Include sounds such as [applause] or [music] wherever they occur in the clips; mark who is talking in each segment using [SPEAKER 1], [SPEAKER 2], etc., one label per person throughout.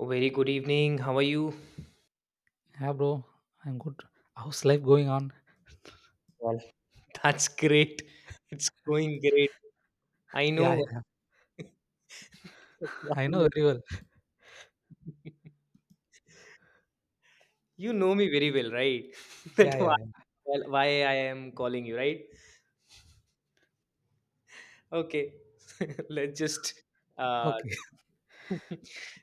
[SPEAKER 1] Very good evening. How are you?
[SPEAKER 2] Yeah, bro, I'm good. How's life going on?
[SPEAKER 1] Well, [laughs] that's great. It's going great. I
[SPEAKER 2] Yeah,
[SPEAKER 1] know.
[SPEAKER 2] yeah, [laughs] I know
[SPEAKER 1] [laughs]
[SPEAKER 2] very well.
[SPEAKER 1] You know me very well, right? [laughs] That
[SPEAKER 2] Yeah,
[SPEAKER 1] why,
[SPEAKER 2] yeah, yeah.
[SPEAKER 1] well, why I am calling you, right? Okay. [laughs] Let's just uh,
[SPEAKER 2] Okay. [laughs]
[SPEAKER 1] [laughs]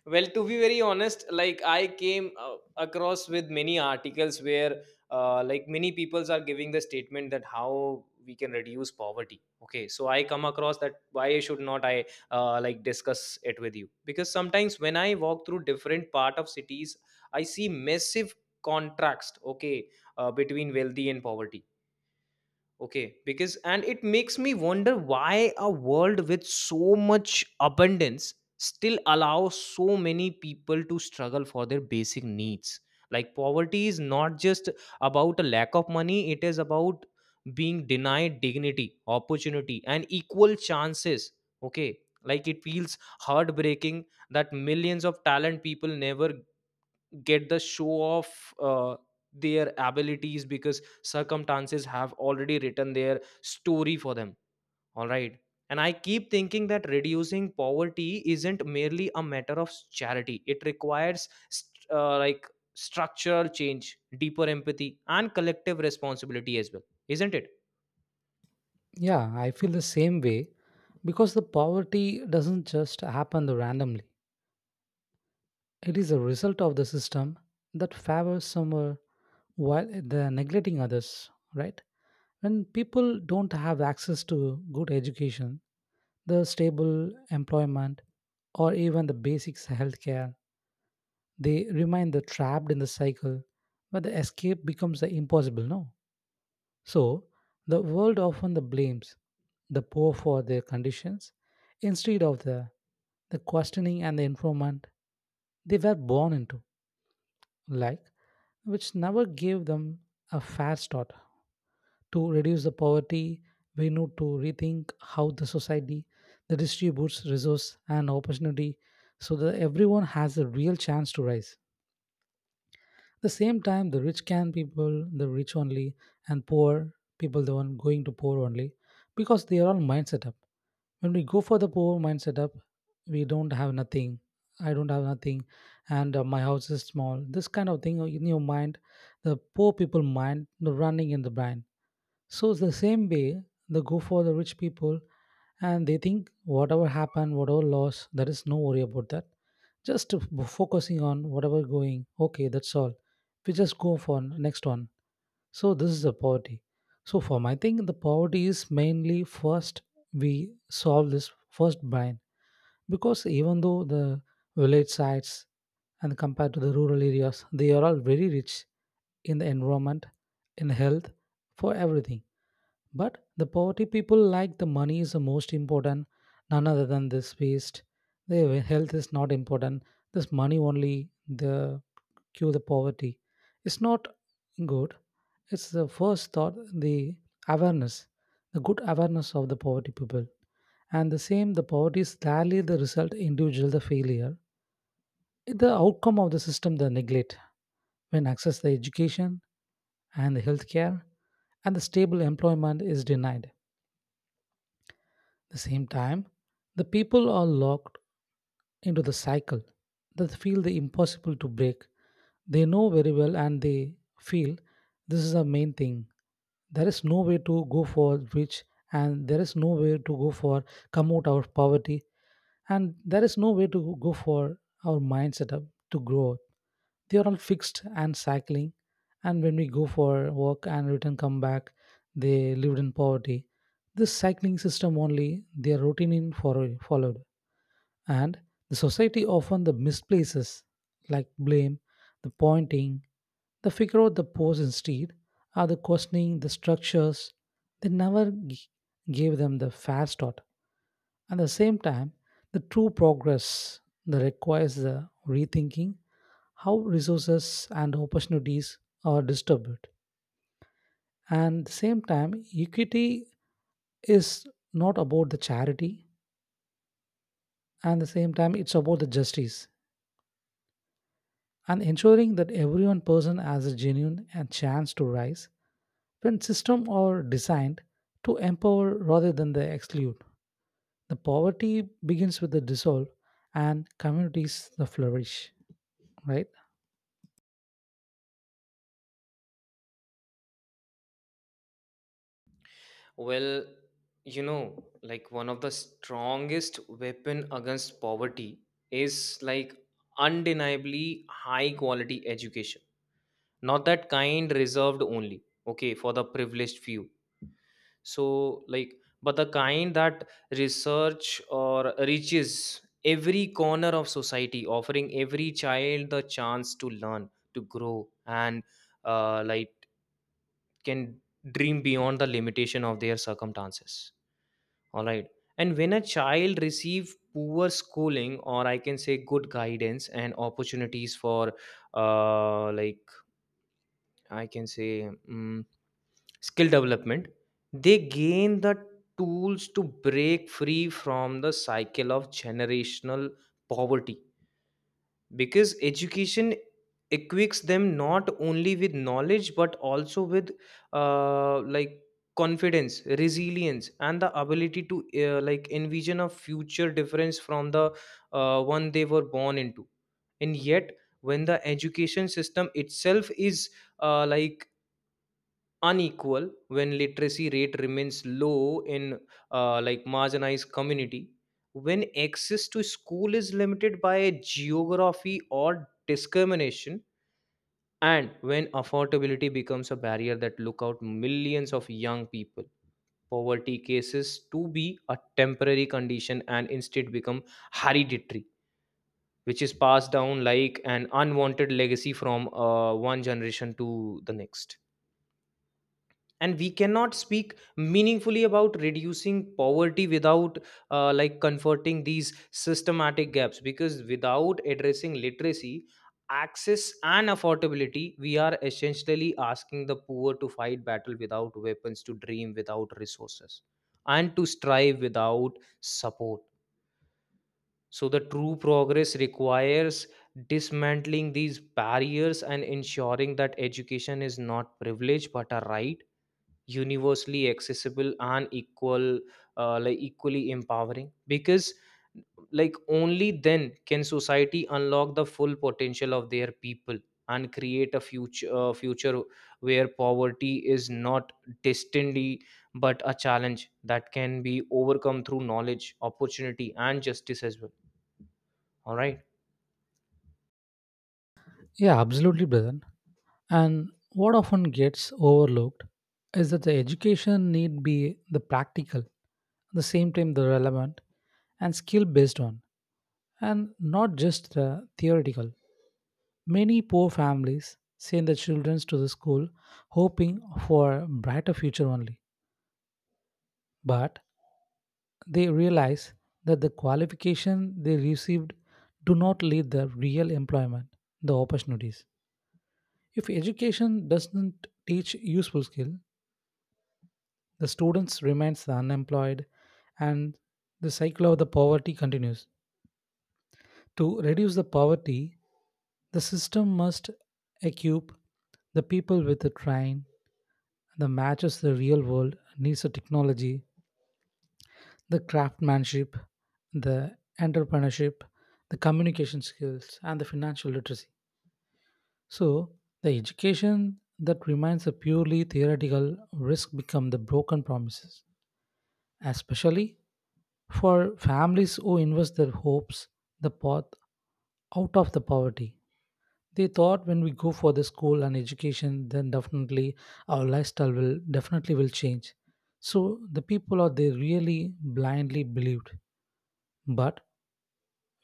[SPEAKER 1] well, to be very honest, I came across with many articles where like many peoples are giving the statement that how we can reduce poverty. Okay, so I come across that why should not I like discuss it with you, because sometimes when I walk through different part of cities, I see massive contrast. Okay, between wealthy and poverty. Okay, because and it makes me wonder why a world with so much abundance still allows so many people to struggle for their basic needs. Like poverty is not just about a lack of money, it is about being denied dignity, opportunity, and equal chances. Okay, like it feels heartbreaking that millions of talent people never get the show off their abilities because circumstances have already written their story for them. All right. And I keep thinking that reducing poverty isn't merely a matter of charity, it requires like structural change, deeper empathy, and collective responsibility as well, isn't it?
[SPEAKER 2] Yeah, I feel the same way because the poverty doesn't just happen randomly. It is a result of the system that favors some while they're neglecting others, right? When people don't have access to good education, the stable employment, or even the basics healthcare, they remain the trapped in the cycle where the escape becomes the impossible no so the world often the blames the poor for their conditions instead of the questioning and the informant they were born into, like, which never gave them a fair start to reduce the poverty. We need to rethink how the society the distributes resource and opportunity so that everyone has a real chance to rise. At the same time, the rich can people, the rich only, and poor people, the one going to poor only, because they are all mind setup. When we go for the poor mind setup, we don't have nothing. I don't have nothing, and my house is small. This kind of thing in your mind, the poor people mind, the running in the brain, so it's the same way they go for the rich people and they think whatever happened, whatever loss, there is no worry about that. Just to focusing on whatever going, okay, that's all. We just go for next one. So this is the poverty. So for my thing, the poverty is mainly first we solve this first bind, because even though the village sites and compared to the rural areas, they are all very rich in the environment, in health, for everything. But the poverty people, like, the money is the most important, none other than this waste. Their health is not important. This money only the cure the poverty. It's not good. It's the first thought, the awareness, the good awareness of the poverty people. And the same, the poverty is rarely the result individual the failure. It's the outcome of the system the neglect when access the education and the healthcare and the stable employment is denied. At the same time, the people are locked into the cycle that feel the impossible to break. They know very well and they feel this is the main thing. There is no way to go for rich and there is no way to go for come out of poverty and there is no way to go for our mind setup to grow up. They are all fixed and cycling. And when we go for work and return come back, they lived in poverty. This cycling system only their routine in for, followed. And the society often the misplaces, like blame, the pointing, the figure out the pose instead are the questioning the structures. They never gave them the fair thought. At the same time, the true progress that requires the rethinking how resources and opportunities are distributed. And at the same time, equity is not about the charity, and at the same time, it's about the justice and ensuring that every one person has a genuine and chance to rise when systems are designed to empower rather than the exclude. The poverty begins with the dissolve and communities the flourish, right?
[SPEAKER 1] Well, you know, like one of the strongest weapon against poverty is, like, undeniably high quality education, not that kind reserved only, okay, for the privileged few. So, like, but the kind that research or reaches every corner of society, offering every child the chance to learn, to grow, and like can dream beyond the limitation of their circumstances. All right. And when a child receive poor schooling, or I can say good guidance and opportunities for like, I can say, mm skill development, they gain the tools to break free from the cycle of generational poverty, because education equips them not only with knowledge but also with like confidence, resilience, and the ability to like envision a future difference from the one they were born into. And yet, when the education system itself is like unequal, when literacy rate remains low in like marginalized community, when access to school is limited by geography or discrimination, and when affordability becomes a barrier that look out millions of young people, poverty cases to be a temporary condition and instead become hereditary, which is passed down like an unwanted legacy from one generation to the next. And we cannot speak meaningfully about reducing poverty without like comforting these systematic gaps, because without addressing literacy, access and affordability, we are essentially asking the poor to fight battle without weapons, to dream without resources, and to strive without support. So the true progress requires dismantling these barriers and ensuring that education is not privilege but a right, universally accessible and equal, like equally empowering, because, like, only then can society unlock the full potential of their people and create a future, future where poverty is not destiny but a challenge that can be overcome through knowledge, opportunity and justice as well. All right.
[SPEAKER 2] Yeah, absolutely, brother. And what often gets overlooked is that the education need be the practical, at the same time the relevant and skill based on, and not just the theoretical. Many poor families send their children to the school hoping for a brighter future only, but they realize that the qualification they received do not lead the real employment, the opportunities. If education doesn't teach useful skill, the students remains unemployed and the cycle of the poverty continues. To reduce the poverty, the system must equip the people with the train that matches the real world needs of technology, the craftsmanship, the entrepreneurship, the communication skills, and the financial literacy. So the education that remains a purely theoretical risk become the broken promises, especially for families who invest their hopes the path out of the poverty. They thought when we go for the school and education, then definitely our lifestyle will definitely will change. So the people are they really blindly believed. But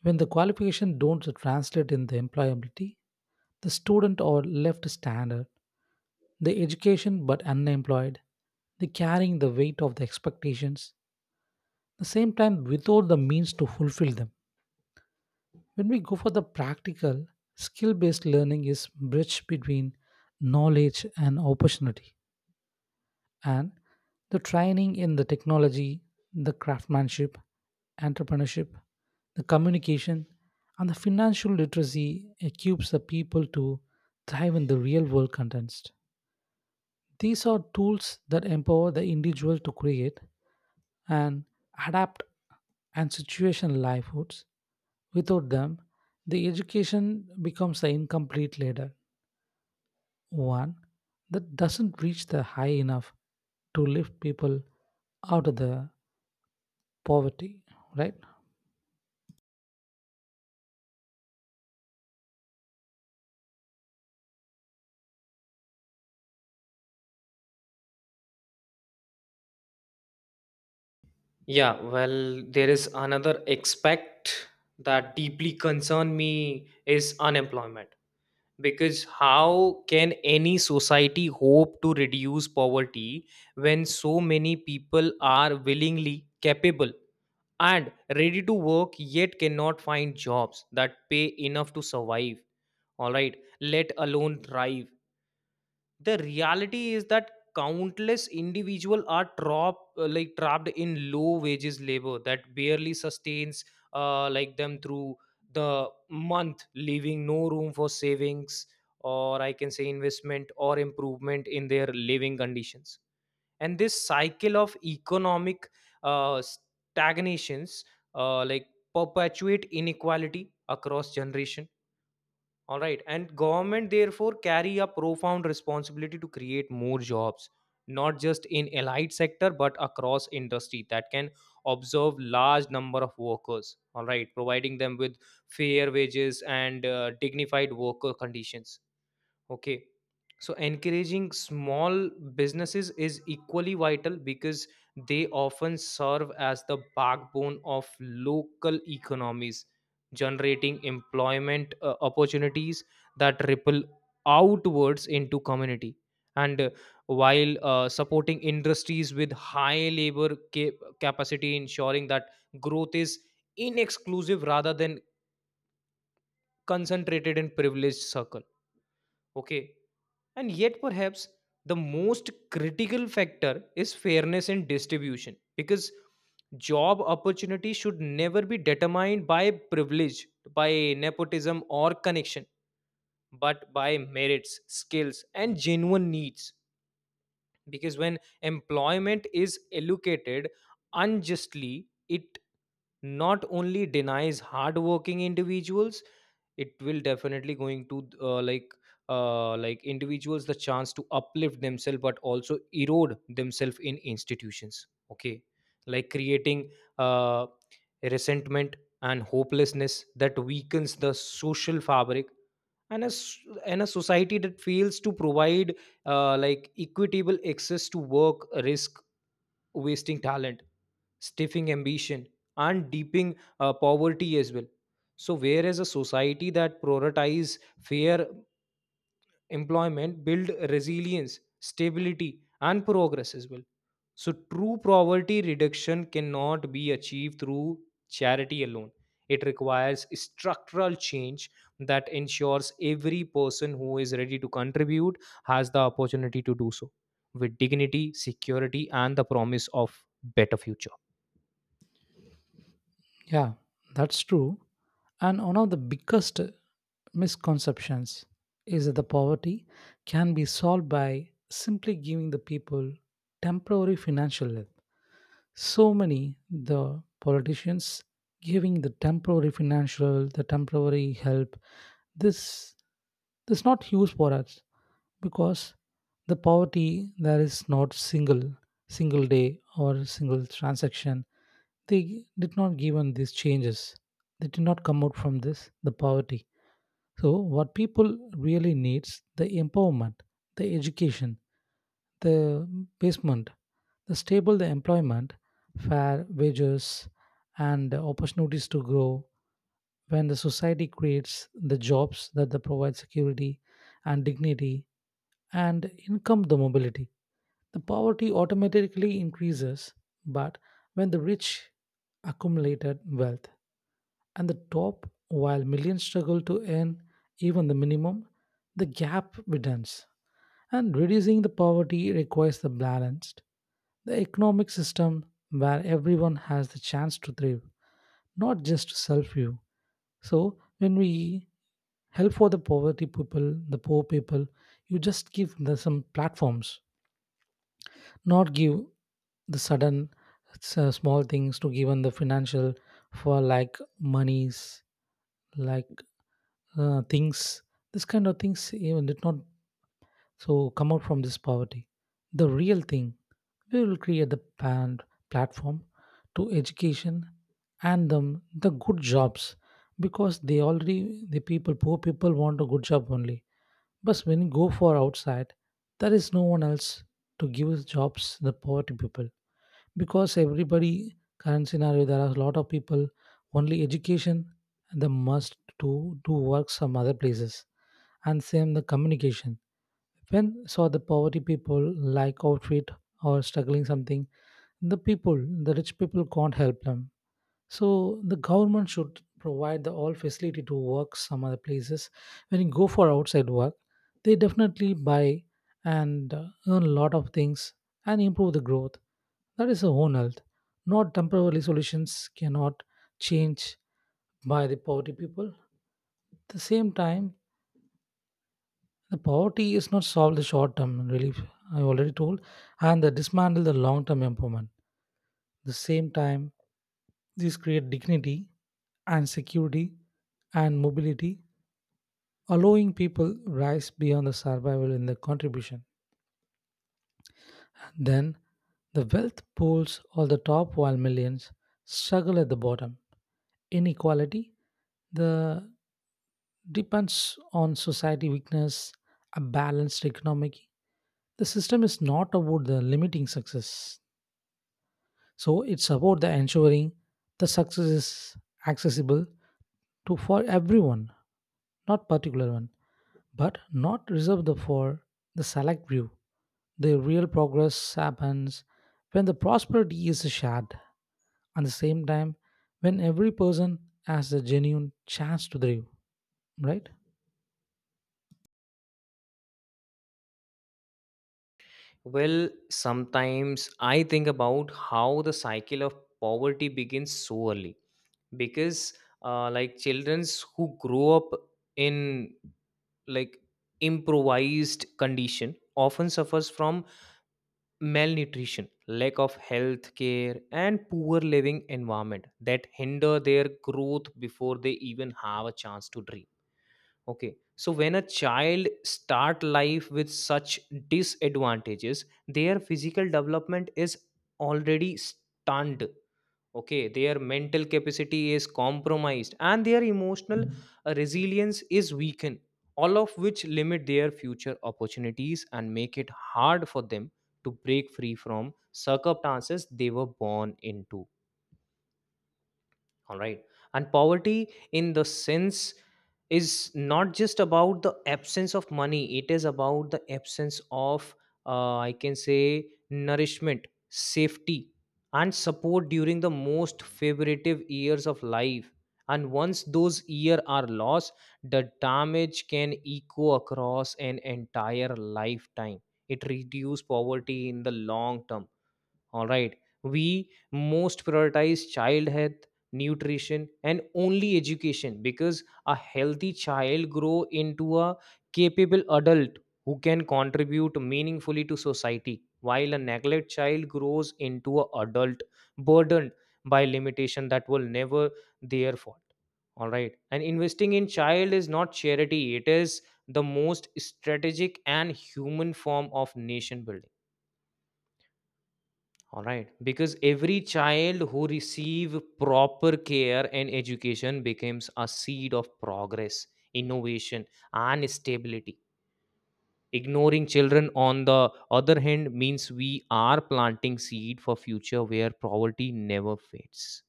[SPEAKER 2] when the qualification don't translate in the employability, the student are left standard, the education but unemployed, they carrying the weight of the expectations, the same time without the means to fulfill them. When we go for the practical, skill based learning is bridge between knowledge and opportunity. And the training in the technology, the craftsmanship, entrepreneurship, the communication, and the financial literacy equips the people to thrive in the real world context. These are tools that empower the individual to create and adapt and situation livelihoods. Without them, the education becomes the incomplete ladder, one that doesn't reach the high enough to lift people out of the poverty, right?
[SPEAKER 1] Yeah, well, there is another aspect that deeply concern me is unemployment, because how can any society hope to reduce poverty when so many people are willingly capable and ready to work, yet cannot find jobs that pay enough to survive, all right, let alone thrive. The reality is that countless individuals are trapped, trapped in low wages labor that barely sustains like them through the month, leaving no room for savings or, I can say, investment or improvement in their living conditions. And this cycle of economic stagnations like perpetuate inequality across generation. All right. And government therefore carry a profound responsibility to create more jobs, not just in allied sector, but across industry that can observe large number of workers. All right. Providing them with fair wages and dignified worker conditions. Okay. So encouraging small businesses is equally vital because they often serve as the backbone of local economies, generating employment opportunities that ripple outwards into community. And while supporting industries with high labor capacity, ensuring that growth is inexclusive rather than concentrated in privileged circle. Okay, and yet, perhaps the most critical factor is fairness in distribution, because job opportunity should never be determined by privilege, by nepotism or connection, but by merits, skills, and genuine needs. Because when employment is allocated unjustly, it not only denies hardworking individuals, it will definitely going to like individuals the chance to uplift themselves but also erode themselves in institutions, okay, like creating uh, resentment and hopelessness that weakens the social fabric, and a, s- and a society that fails to provide like equitable access to work risk wasting talent, stiffing ambition, and deeping poverty as well. So, whereas a society that prioritizes fair employment build resilience, stability, and progress as well. So true poverty reduction cannot be achieved through charity alone, it requires structural change that ensures every person who is ready to contribute has the opportunity to do so with dignity, security and the promise of better future.
[SPEAKER 2] Yeah, that's true. And one of the biggest misconceptions is that the poverty can be solved by simply giving the people temporary financial help. So many the politicians giving the temporary financial the temporary help, this this not huge for us because the poverty there is not single single day or single transaction. They did not given these changes, they did not come out from this the poverty. So what people really needs the empowerment, the education, the basement, the stable the employment, fair wages and opportunities to grow. When the society creates the jobs that they provide security and dignity and income the mobility, the poverty automatically increases. But when the rich accumulated wealth and the top, while millions struggle to earn even the minimum, the gap widens. And reducing the poverty requires the balanced, the economic system where everyone has the chance to thrive, not just to self view. So when we help for the poverty people, the poor people, you just give them some platforms, not give the sudden small things to given the financial for like monies like things. This kind of things even did not so come out from this poverty. The real thing, we will create the platform to education and them the good jobs because they already the people poor people want a good job only. But when you go for outside, there is no one else to give us jobs the poverty people, because everybody current scenario there are a lot of people only education and the must to do work some other places. And same the communication, when saw the poverty people like outfit or struggling something, the people the rich people can't help them. So the government should provide the all facility to work some other places. When you go for outside work, they definitely buy and earn a lot of things and improve the growth. That is a own health. Not temporary solutions cannot change by the poverty people. At the same time, the poverty is not solved the short term relief. I already told, and the dismantle the long term empowerment. The same time, these create dignity and security and mobility, allowing people rise beyond the survival in their contribution. And then the wealth pools all the top while millions struggle at the bottom. Inequality the depends on society weakness, a balanced economic. The system is not about the limiting success. So it's about the ensuring the success is accessible to for everyone, not particular one, but not reserved for the select few. The real progress happens when the prosperity is shared. At the same time, when every person has a genuine chance to thrive, right?
[SPEAKER 1] Well, sometimes I think about how the cycle of poverty begins so early, because like childrens who grow up in, like, improvised condition often suffers from malnutrition, lack of health care and poor living environment that hinder their growth before they even have a chance to dream. Okay, so when a child start life with such disadvantages, their physical development is already stunned. Okay, their mental capacity is compromised and their emotional resilience is weakened, all of which limit their future opportunities and make it hard for them to break free from circumstances they were born into. All right. And poverty in the sense is not just about the absence of money, it is about the absence of, I can say, nourishment, safety and support during the most favorable years of life. And once those years are lost, the damage can echo across an entire lifetime. It reduces poverty in the long term. All right, we most prioritize child health, nutrition and only education, because a healthy child grow into a capable adult who can contribute meaningfully to society, while a neglect child grows into a adult burdened by limitation that will never their fault. All right, and investing in child is not charity, it is the most strategic and human form of nation building. All right, because every child who receive proper care and education becomes a seed of progress, innovation, and stability. Ignoring children, on the other hand, means we are planting seed for future where poverty never fades,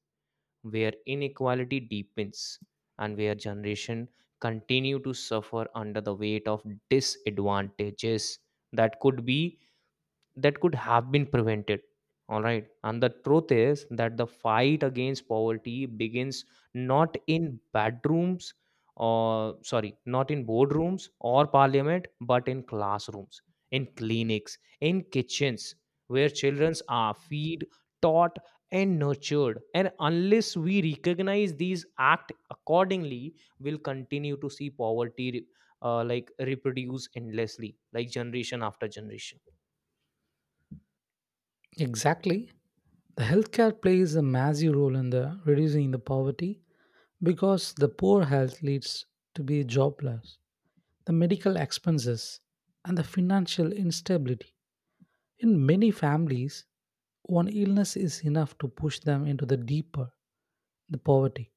[SPEAKER 1] where inequality deepens, and where generation continue to suffer under the weight of disadvantages that could be that could have been prevented. All right, and the truth is that the fight against poverty begins not in bedrooms or sorry not in boardrooms or parliament but in classrooms, in clinics, in kitchens, where children are feed, taught and nurtured. And unless we recognize these act accordingly, we'll continue to see poverty like reproduce endlessly, like generation after generation.
[SPEAKER 2] Exactly. The healthcare plays a massive role in the reducing the poverty because the poor health leads to be jobless the medical expenses, and the financial instability. In many families, one illness is enough to push them into the deeper the poverty.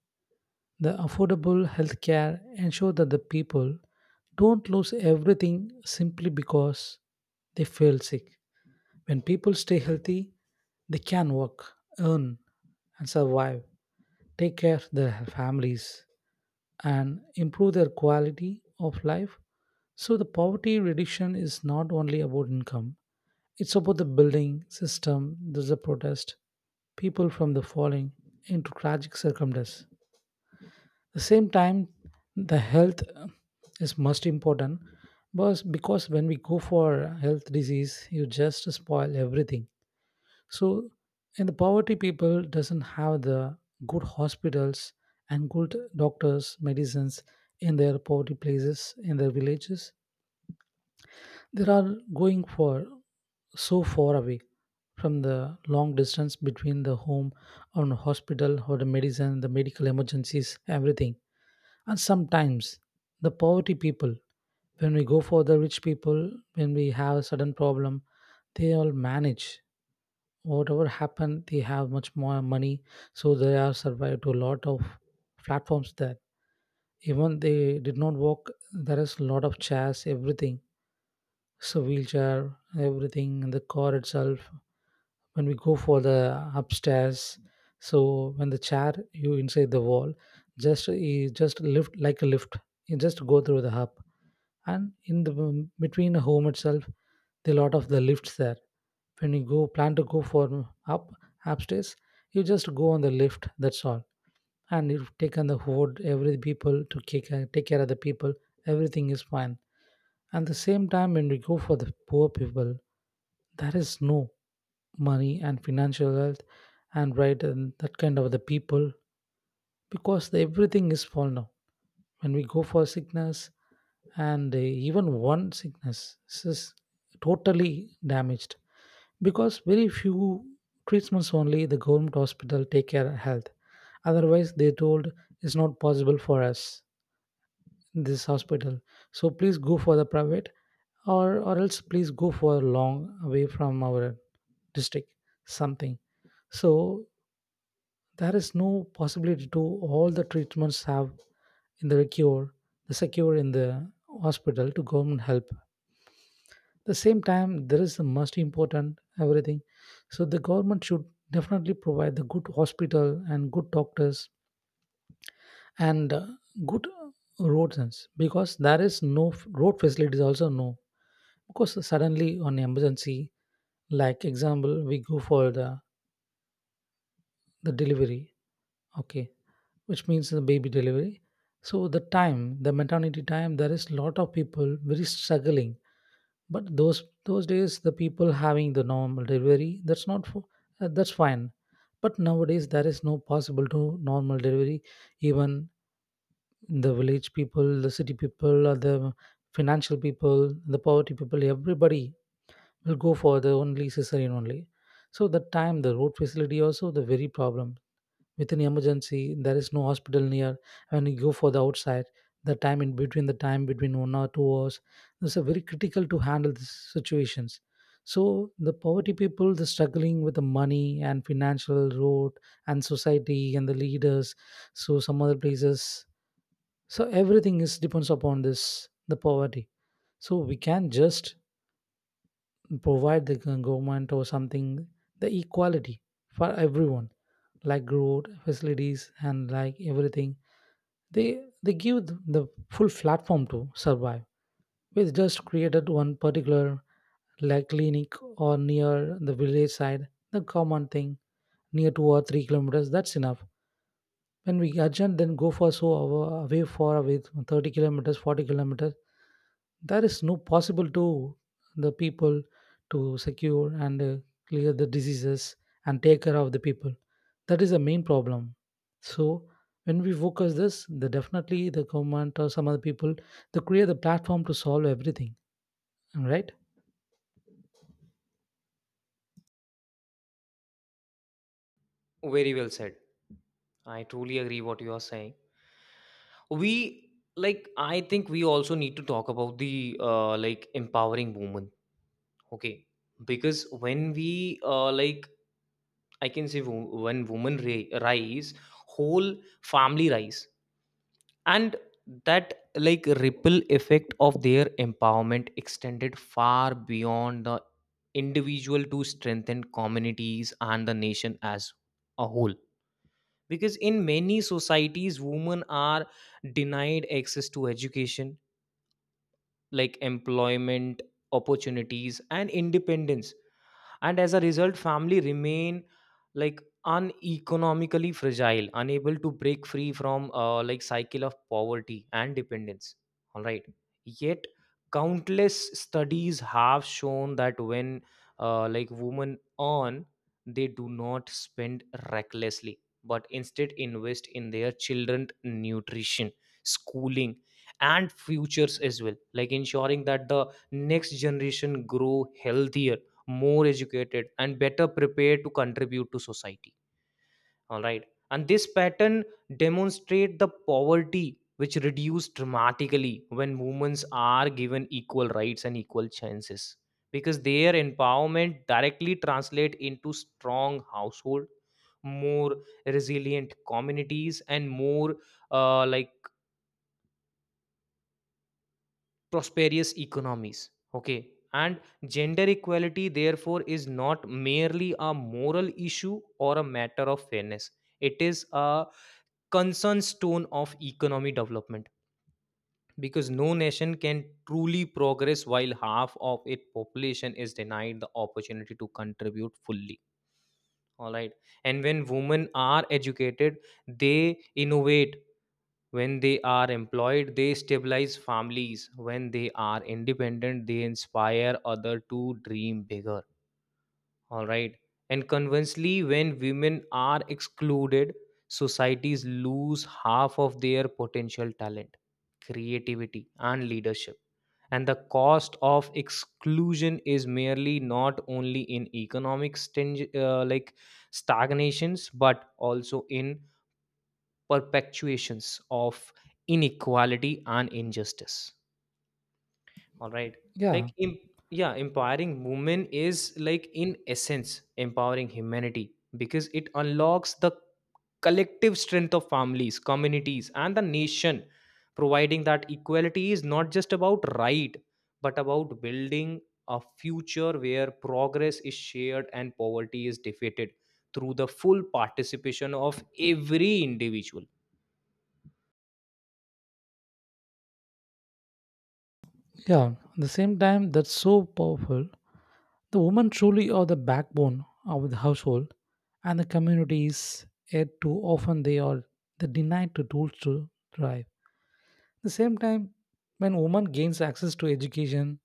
[SPEAKER 2] The affordable health care ensure that the people don't lose everything simply because they feel sick. When people stay healthy, they can work, earn, and survive, take care of their families, and improve their quality of life. So, the poverty reduction is not only about income, it's about the building system, there's a protest, people from the falling into tragic circumstances. The same time, the health is most important because when we go for health disease, you just spoil everything. So, and the poverty people doesn't have the good hospitals and good doctors, medicines in their poverty places, in their villages. They are going for so far away from the long distance between the home and hospital or the medicine, the medical emergencies, everything. And sometimes the poverty people, when we go for the rich people, when we have a sudden problem, they all manage whatever happened, they have much more money, so they have survived to a lot of platforms that even they did not walk, there is a lot of chairs, everything, so wheelchair, everything in the car itself. When we go for the upstairs, so when the chair you inside the wall, just you just lift like a lift, you just go through the hub. And in between the home itself, there are lot of the lifts there. When you go plan to go for up upstairs, you just go on the lift, that's all. And you've taken the hoard every people to take, take care of the people, everything is fine. And the same time when we go for the poor people, there is no money and financial wealth and right and that kind of the people, because the, everything is fallen down. When we go for sickness and even one sickness is totally damaged, because very few treatments, only the government hospital take care of health. Otherwise they told it's not possible for us in this hospital, so please go for the private, or else please go for long away from our district, something. So there is no possibility to all the treatments have in the cure, the secure in the hospital to government help. The same time there is the most important, everything. So the government should definitely provide the good hospital and good doctors and good roads because there is no road facilities also, no, because suddenly on emergency, like example we go for the delivery, okay, which means the baby delivery. So the time, the maternity time, there is lot of people very struggling. But those days, the people having the normal delivery, that's not for, that's fine. But nowadays, there is no possible to normal delivery. Even the village people, the city people, or the financial people, the poverty people, everybody will go for the only cesarean only. So the time, the road facility also the very problem, with an emergency there is no hospital near. When you go for the outside, the time in between, the time between 1 or 2 hours, this is very critical to handle these situations. So the poverty people, the struggling with the money and financial road and society and the leaders, so some other places, so everything is depends upon this, the poverty. So we can just provide government or something the equality for everyone, like road facilities and like everything. They give the full platform to survive. We just created one particular like clinic or near the village side, the common thing, near 2 or 3 kilometers, that's enough. When we urgent, then go for so away 30 kilometers, 40 kilometers. There is no possible to the people to secure and clear the diseases and take care of the people. That is the main problem. So when we focus this, the definitely the government or some other people, they create the platform to solve everything. Am I right?
[SPEAKER 1] Very well said. I truly agree what you are saying. We like I think we also need to talk about the like empowering women. Okay, because when we, like, I can say, when women rise, whole family rise, and that like ripple effect of their empowerment extended far beyond the individual to strengthen communities and the nation as a whole, because in many societies women are denied access to education, like employment opportunities and independence, and as a result family remain, like, uneconomically fragile, unable to break free from like cycle of poverty and dependence. All right. Yet countless studies have shown that when like women earn, they do not spend recklessly but instead invest in their children's nutrition, schooling and futures as well, like ensuring that the next generation grow healthier, more educated and better prepared to contribute to society. All right. And this pattern demonstrate the poverty which reduce dramatically when women are given equal rights and equal chances, because their empowerment directly translate into strong household, more resilient communities, and more like prosperous economies. Okay. And gender equality, therefore, is not merely a moral issue or a matter of fairness. It is a concern stone of economic development, because no nation can truly progress while half of its population is denied the opportunity to contribute fully. All right. And when women are educated, they innovate. When they are employed, they stabilize families. When they are independent, they inspire other to dream bigger. All right. And conversely, when women are excluded, societies lose half of their potential talent, creativity and leadership, and the cost of exclusion is merely not only in economic sting, like stagnations, but also in perpetuations of inequality and injustice. All right. like
[SPEAKER 2] Yeah.
[SPEAKER 1] em- yeah, empowering women is, like, in essence empowering humanity, because it unlocks the collective strength of families, communities and the nation, providing that equality is not just about right, but about building a future where progress is shared and poverty is defeated through the full participation of every individual.
[SPEAKER 2] Yeah, at the same time, that's so powerful. The women truly are the backbone of the household and the communities, yet too often they are they denied the tools to thrive. At the same time, when women gains access to education,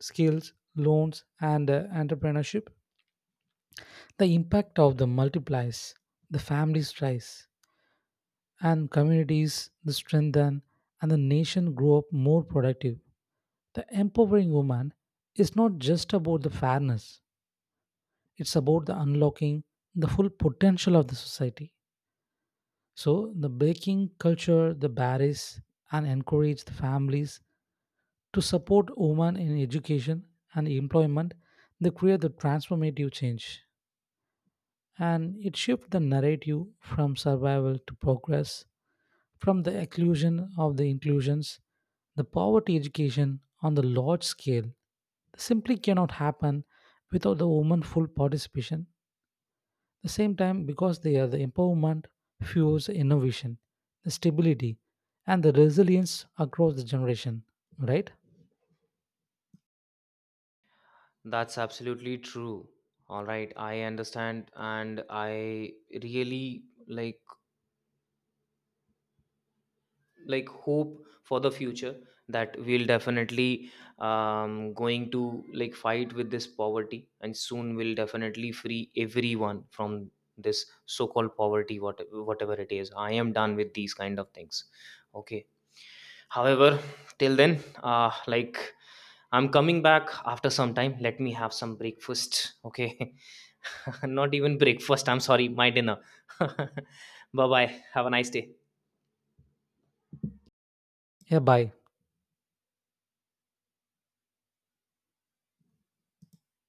[SPEAKER 2] skills, loans, and entrepreneurship, the impact of the multiplies, the families rise, and communities the strengthen, and the nation grow up more productive. The empowering woman is not just about the fairness, it's about the unlocking the full potential of the society. So, the baking culture, the barriers, and encourage the families to support women in education and employment, they create the transformative change. And it shifts the narrative from survival to progress, from the exclusion of the inclusions, the poverty education on the large scale simply cannot happen without the woman full participation. The same time, because they are the empowerment fuels innovation, the stability, and the resilience across the generation. Right?
[SPEAKER 1] That's absolutely true. All right, I understand, and I really like hope for the future that we'll definitely going to, like, fight with this poverty, and soon we'll definitely free everyone from this so-called poverty. Whatever it is, I am done with these kind of things. Okay, however, till then, I'm coming back after some time. Let me have some breakfast, okay? [laughs] [laughs] Not even breakfast. I'm sorry, my dinner. [laughs] Bye, bye. Have a nice day.
[SPEAKER 2] Yeah, bye.